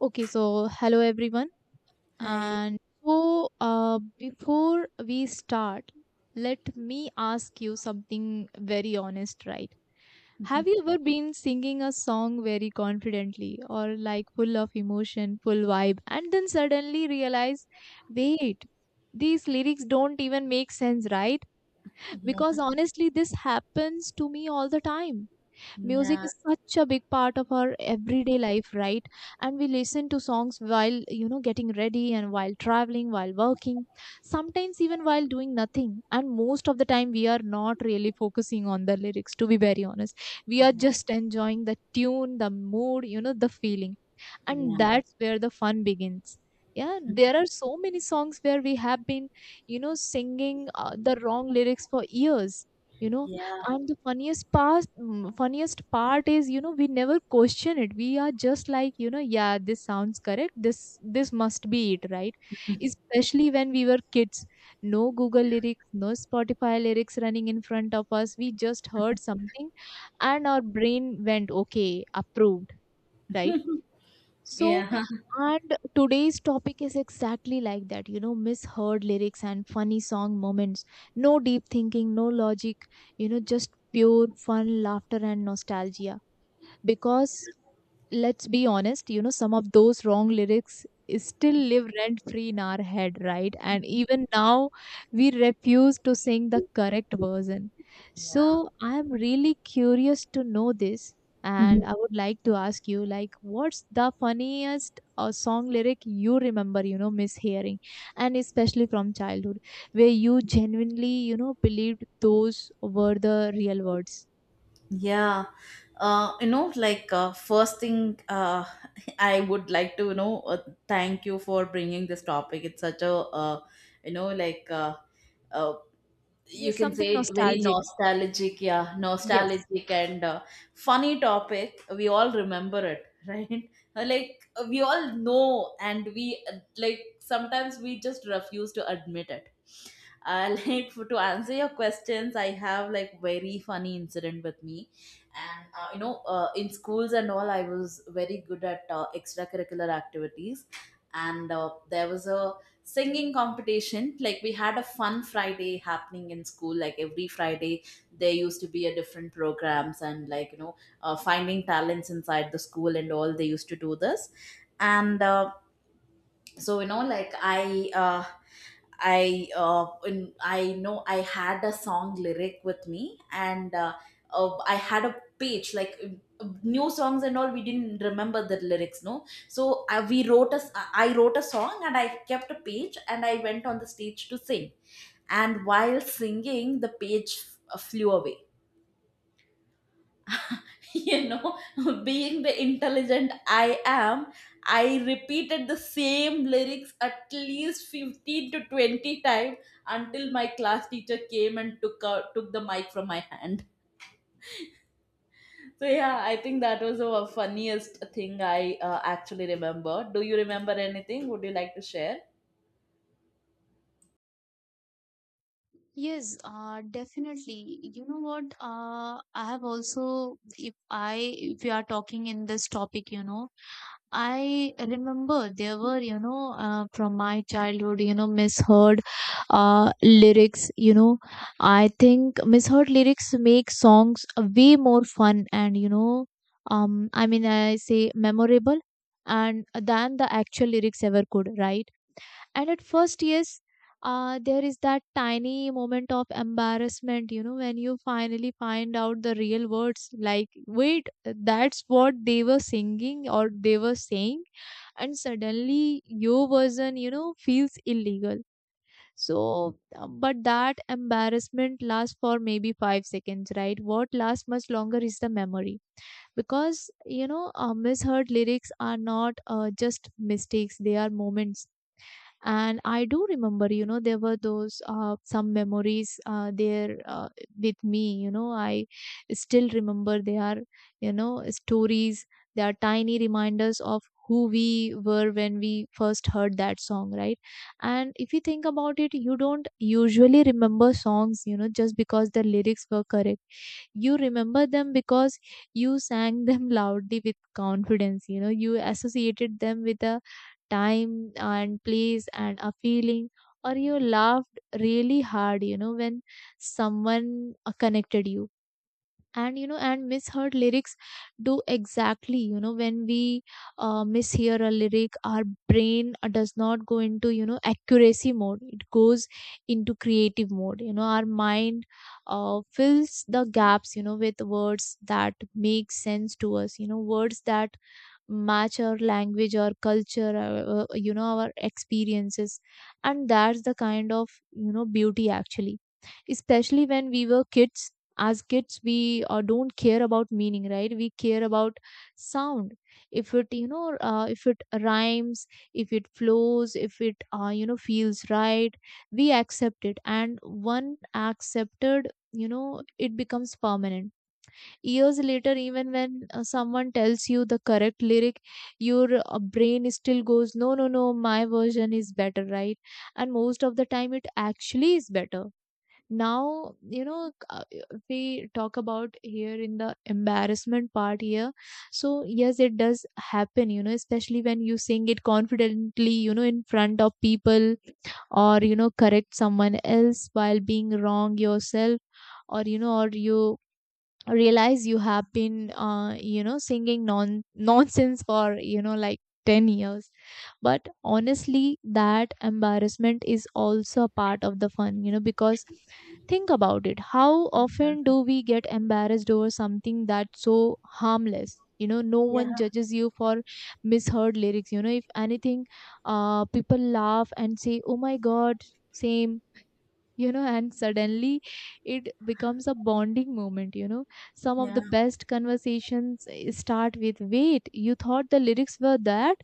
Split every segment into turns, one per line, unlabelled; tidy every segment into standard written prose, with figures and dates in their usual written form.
Okay, so hello everyone.
Hi.
And Before we start, let me ask you something very honest, right? Have you ever been singing a song very confidently or like full of emotion, full vibe, and then suddenly realize, wait, these lyrics don't even make sense, right?
Yeah.
Because honestly, this happens to me all the time. Music
Yeah.
is such a big part of our everyday life, right? And we listen to songs while, you know, getting ready and while traveling, while working, sometimes even while doing nothing. And most of the time we are not really focusing on the lyrics, to be very honest. We are
Yeah.
just enjoying the tune, the mood, you know, the feeling.
Yeah.
And that's where the fun begins. Yeah, there are so many songs where we have been, you know, singing the wrong lyrics for years, you know.
Yeah.
And the funniest part, funniest part is, you know, we never question it. We are just like, you know, yeah, this sounds correct, this must be it, right? Especially when we were kids. No Google lyrics, no Spotify lyrics running in front of us. We just heard something and our brain went, okay, approved, right? so,
Yeah.
and today's topic is exactly like that, you know, misheard lyrics and funny song moments. No deep thinking, no logic, you know, just pure fun, laughter, and nostalgia. Because let's be honest, you know, some of those wrong lyrics is still live rent free in our head, right? And even now, we refuse to sing the correct version. So, I'm really curious to know this.
Mhm.
And I would like to ask you, like, what's the funniest song lyric you remember, you know, mishearing, and especially from childhood, where you genuinely, you know, believed those were the real words?
Yeah. First thing, I would like to, thank you for bringing this topic. It's such a, you know, like uh, you
Yes,
can
something
say very
nostalgic.
nostalgic, yeah,
Yes.
nostalgic and funny topic. We all remember it, right? Like we all know, and we like sometimes we just refuse to admit it. To answer your questions, I have like very funny incident with me and in schools and all, I was very good at extracurricular activities and there was a singing competition. Like we had a fun Friday happening in school, like every Friday there used to be a different programs, and finding talents inside the school and all, they used to do this. And so you know like I in, I know I had a song lyric with me, and I had a page like, new songs and all, we didn't remember the lyrics, no. So uh, we wrote a s- I wrote a song and I kept a page, and I went on the stage to sing. And while singing, the page flew away. You know, being the intelligent I am, I repeated the same lyrics at least 15 to 20 times until my class teacher came and took the mic from my hand. So yeah, I think that was the funniest thing I actually remember. Do you remember anything? Would you like to share?
Yes, definitely. You know what? I have also, if we are talking in this topic, you know, I remember there were, you know, from my childhood, you know, misheard lyrics. You know, I think misheard lyrics make songs way more fun and, you know, I mean, I say memorable and than the actual lyrics ever could, right? And at first, yes, there is that tiny moment of embarrassment, you know, when you finally find out the real words, like, wait, that's what they were singing or they were saying. And suddenly your version, you know, feels illegal. But that embarrassment lasts for maybe 5 seconds, right? What lasts much longer is the memory. Because, you know, misheard lyrics are not just mistakes, they are moments. And I do remember, you know, there were those some memories there with me, you know. I still remember, they are, you know, stories. They are tiny reminders of who we were when we first heard that song, right? And if you think about it, you don't usually remember songs, you know, just because the lyrics were correct. You remember them because you sang them loudly with confidence, you know. You associated them with a time and place and a feeling, or you laughed really hard, you know, when someone connected you. And you know, and misheard lyrics do exactly, you know, when we mishear a lyric, our brain does not go into, you know, accuracy mode. It goes into creative mode. You know, our mind fills the gaps, you know, with words that make sense to us, you know, words that match our language or culture, you know, our experiences. And that's the kind of, you know, beauty actually. Especially when we were kids. As kids, we don't care about meaning, right? We care about sound. If it, you know, if it rhymes, if it flows, if it, you know, feels right, we accept it. And one accepted, you know, it becomes permanent. Years later, even when someone tells you the correct lyric, your brain still goes, no, no, no, my version is better, right? And most of the time it actually is better. Now, you know, we talk about here in the embarrassment part here. So yes, it does happen, you know, especially when you sing it confidently, you know, in front of people, or, you know, correct someone else while being wrong yourself, or, you know, or you realize you have been, you know, singing non nonsense for, you know, like 10 years. But honestly, that embarrassment is also a part of the fun, you know. Because think about it, how often do we get embarrassed over something that's so harmless? You know, no one
Yeah,
judges you for misheard lyrics. You know, if anything, uh, people laugh and say, oh my god, same. You know, and suddenly it becomes a bonding moment. You know, some of
yeah,
the best conversations start with, wait, you thought the lyrics were that?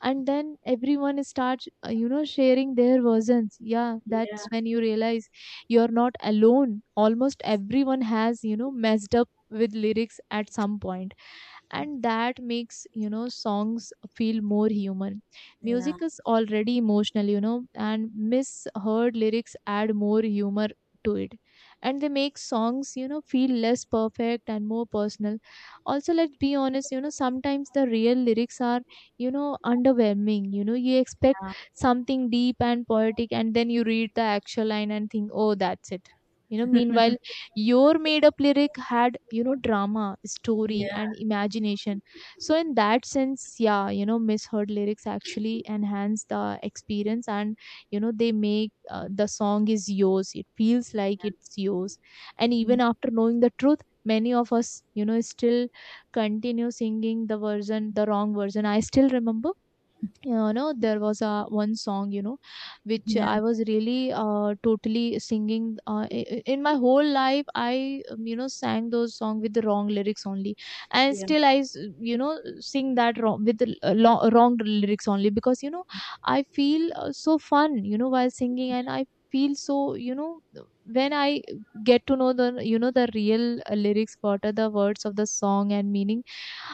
And then everyone starts, you know, sharing their versions. Yeah,
yeah,
that's when you realize you're not alone. Almost everyone has, you know, messed up with lyrics at some point. And that makes, you know, songs feel more human.
yeah,
Music is already emotional, you know, and misheard lyrics add more humor to it. And they make songs, you know, feel less perfect and more personal. Also, let's be honest, you know, sometimes the real lyrics are, you know, underwhelming. You know, you expect
yeah,
something deep and poetic, and then you read the actual line and think, oh, that's it. You know, meanwhile, your made up lyric had, you know, drama, story,
yeah,
and imagination. So in that sense, yeah, you know, misheard lyrics actually enhance the experience. And, you know, they make, the song is yours, it feels like it's yours. And even after knowing the truth, many of us, you know, still continue singing the version, the wrong version. I still remember, you know, there was a one song, you know, which
yeah,
I was really totally singing, in my whole life, I you know, sang those song with the wrong lyrics only. And
yeah,
still I you know, sing that wrong with the wrong lyrics only, because, you know, I feel, so fun, you know, while singing. And I feel so, you know, when I get to know the, you know, the real lyrics, what are the words of the song and meaning.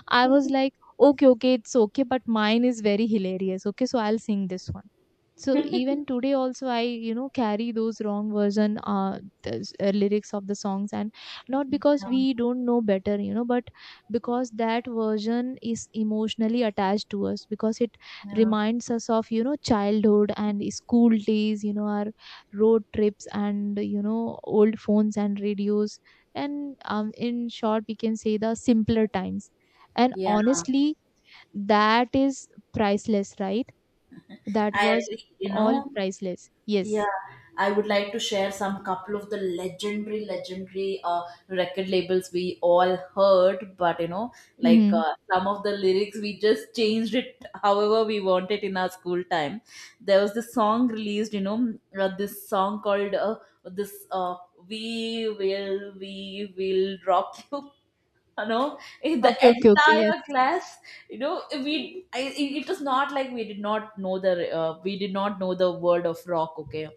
I was like, okay, okay, it's okay, but mine is very hilarious. Okay, so I'll sing this one. So even today also I, you know, carry those wrong version lyrics of the songs. And not because we
yeah.
don't know better, you know, but because that version is emotionally attached to us, because it
yeah.
reminds us of, you know, childhood and school days, you know, our road trips and, you know, old phones and radios. And in short, we can say the simpler times. And
yeah.
honestly, that is priceless, right? That
I
was
agree, you know.
all priceless. Yes.
Yeah, I would like to share some couple of the legendary, legendary record labels we all heard, but you know,
Mm-hmm.
some of the lyrics we just changed it however we wanted in our school time. There was this song released, you know, this song called this We Will Rock You." You know, in the
Okay, okay, okay. Yes.
entire class, it it was not like we did not know the we did not know the word of rock. Okay,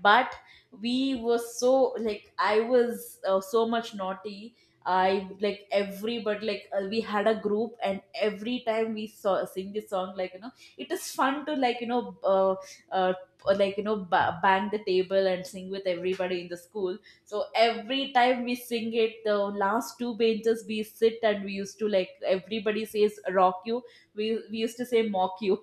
but we were so like I was so much naughty, I like every but like we had a group, and every time we saw sing this song, it is fun to uh, like you know ba- bang the table and sing with everybody in the school. So every time we sing it, the last two benches we sit, and we used to like everybody says rock you, we used to say mock you.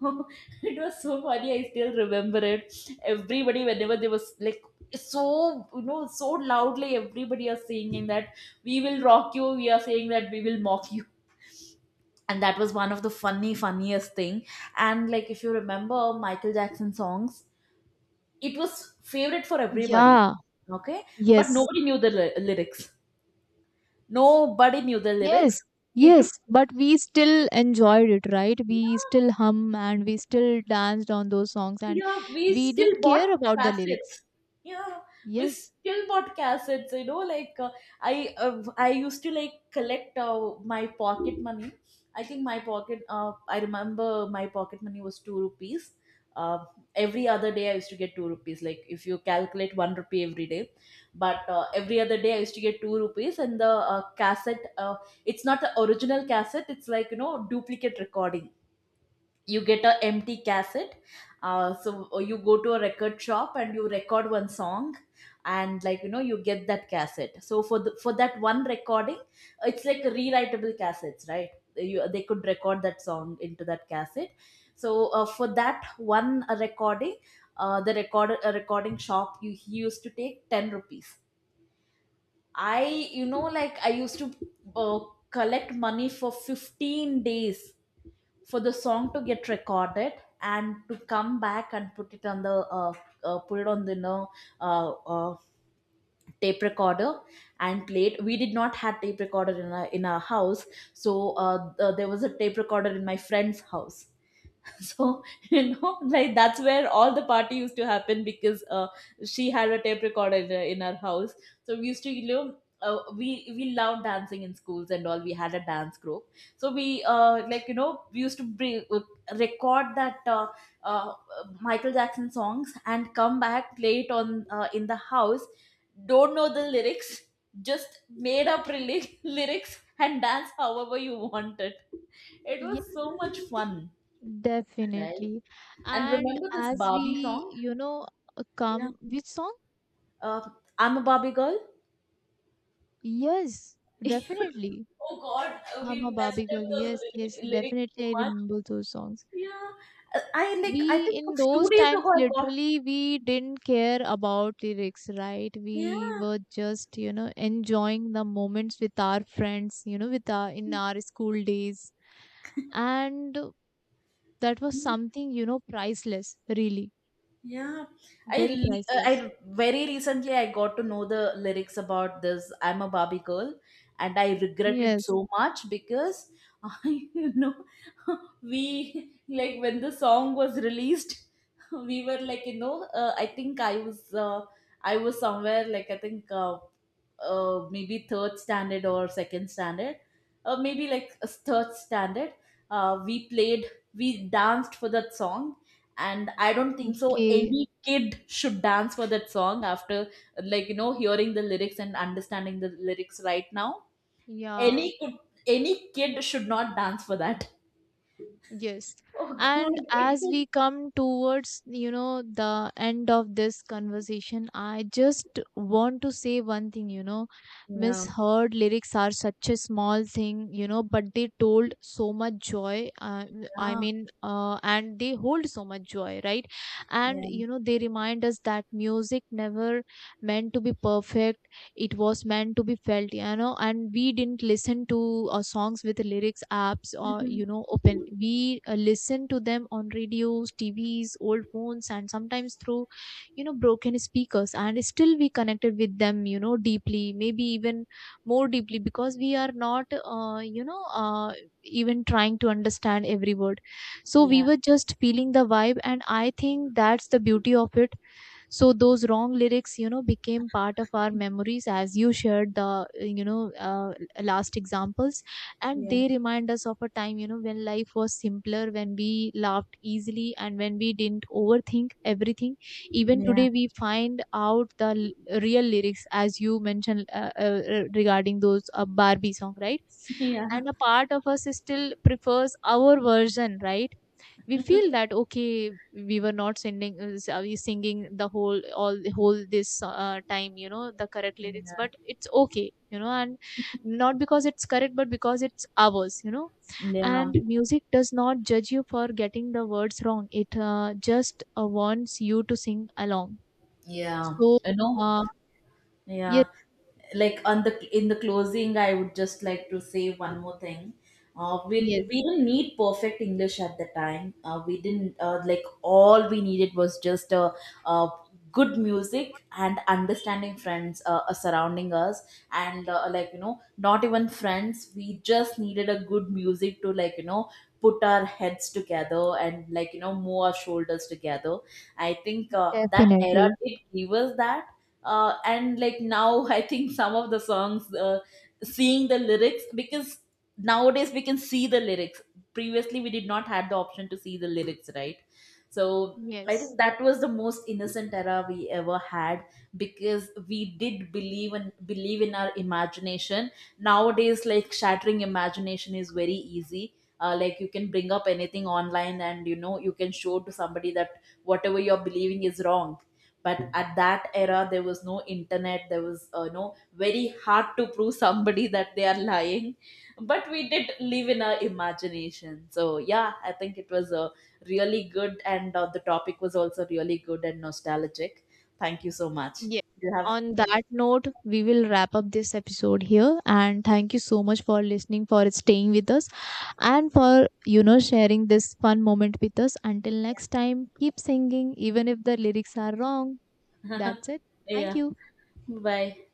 It was so funny. I still remember it. Everybody, whenever they was like, so, you know, so loudly, everybody are singing that we will rock you, we are saying that we will mock you. And that was one of the funny, funniest thing. And like, if you remember Michael Jackson songs, it was favorite for everybody.
Yeah.
Okay, but
Yes.
nobody knew the ly- lyrics. Nobody knew the
Yes.
lyrics. It
Yes, but we still enjoyed it, right? We still hum and we still danced on those songs, and
yeah, we
we
still
didn't
bought
care about the
cassettes.
lyrics.
Yeah, we
Yes.
still bought cassettes, I I used to like collect my pocket money. I remember my pocket money was 2 rupees. uh, every other day I used to get 2 rupees. Like if you calculate 1 rupee every day, but every other day I used to get 2 rupees. And the cassette, it's not the original cassette, it's like you know duplicate recording. You get a empty cassette, you go to a record shop and you record one song, and like you know you get that cassette. So for that one recording, it's like rewritable cassettes, right? They could record that song into that cassette. So for that one recording, the recording shop, you he used to take 10 rupees. I you know like I used to uh, collect money for 15 days for the song to get recorded and to come back and put it on the, put it on the uh, uh, tape recorder and play it. We did not have tape recorder in our house. So there was a tape recorder in my friend's house. So you know, like that's where all the party used to happen, because she had a tape recorder in her house. So we used to you know, we loved dancing in schools, and all we had a dance group. So we uh, like you know we used to record that uh, Michael Jackson songs and come back, play it on in the house. Don't know the lyrics, just made up really lyrics and dance however you wanted. It was
Yes,
so much fun, right?
definitely.
And
And
remember this
as
Barbie
we,
song?
you know,
Yeah.
come, which song?
Uh, I'm a Barbie girl.
Yes, definitely.
Oh God,
I'm a
we messed
Barbie
up
girl.
those
Yes,
lyric,
yes,
lyrics so
definitely. I
much.
remember those songs.
Yeah, I like. I
We,
think a
in
few
those
days ago
times,
I got.
literally we didn't care about lyrics, right? We
Yeah.
were just, you know, enjoying the moments with our friends, you know, with our, in our school days. And that was something, you know, priceless, really.
Yeah,
Very
I
priceless.
I very recently I got to know the lyrics about this I'm a Barbie girl, and I regret it
Yes.
so much because I you know we like when the song was released, we were like, I think I was somewhere like I think maybe third standard or second standard, maybe like a third standard. We played, we danced for that song, and I don't think so
Okay.
any kid should dance for that song after like you know hearing the lyrics and understanding the lyrics right now.
Yeah.
any could any kid should not dance for that.
Yes.
Oh God,
And
it
as
was
we come towards, you know, the end of this conversation, I just want to say one thing, you know,
yeah,
misheard lyrics are such a small thing, you know, but they told so much joy. I
yeah,
mean, and they hold so much joy, right? And,
yeah.
you know, they remind us that music never meant to be perfect. It was meant to be felt, you know. And we didn't listen to songs with lyrics apps or,
Mhm.
you know, open. We listened to them on radios, TVs, old phones, and sometimes through, you know, broken speakers. And still we connected with them, you know, deeply, maybe even more deeply, because we are not, you know, even trying to understand every word. So we
Yeah,
were just feeling the vibe, and I think that's the beauty of it. So those wrong lyrics, you know, became part of our memories, as you shared the, you know, last examples. And
yeah,
they remind us of a time, you know, when life was simpler, when we laughed easily, and when we didn't overthink everything. Even
yeah.
today we find out the real lyrics, as you mentioned, regarding those, Barbie song, right?
Yeah,
And a part of us still prefers our version, right? We feel that, okay, we were not sending, we singing the whole, all the whole this time, you know, the correct lyrics, but it's okay, you know. And not because it's correct, but because it's ours, you know.
yeah,
And music does not judge you for getting the words wrong. It just wants you to sing along.
yeah,
So
you know.
uh,
Yeah,
yes.
like on the in the closing, I would just like to say one more thing. We
Yes.
we didn't need perfect English at the time. We didn't, like all we needed was just a, uh good music and understanding friends surrounding us. And like you know not even friends, we just needed a good music to like you know put our heads together and like you know move our shoulders together. I think that era
Definitely.
did give us that, and like now I think some of the songs, seeing the lyrics, because nowadays we can see the lyrics. Previously we did not had the option to see the lyrics, right? So I think
Yes.
that was the most innocent era we ever had, because we did believe and believe in our imagination. Nowadays like shattering imagination is very easy. Like you can bring up anything online, and you know you can show to somebody that whatever you're believing is wrong. But at that era there was no internet, there was no, very hard to prove somebody that they are lying. But we did live in our imagination. So yeah, I think it was a really good, and the topic was also really good and nostalgic. Thank you so much.
Yes,
You have
on that note, we will wrap up this episode here. And thank you so much for listening, for staying with us, and for, you know, sharing this fun moment with us. Until next time, keep singing even if the lyrics are wrong. That's it. Thank
yeah,
you.
bye.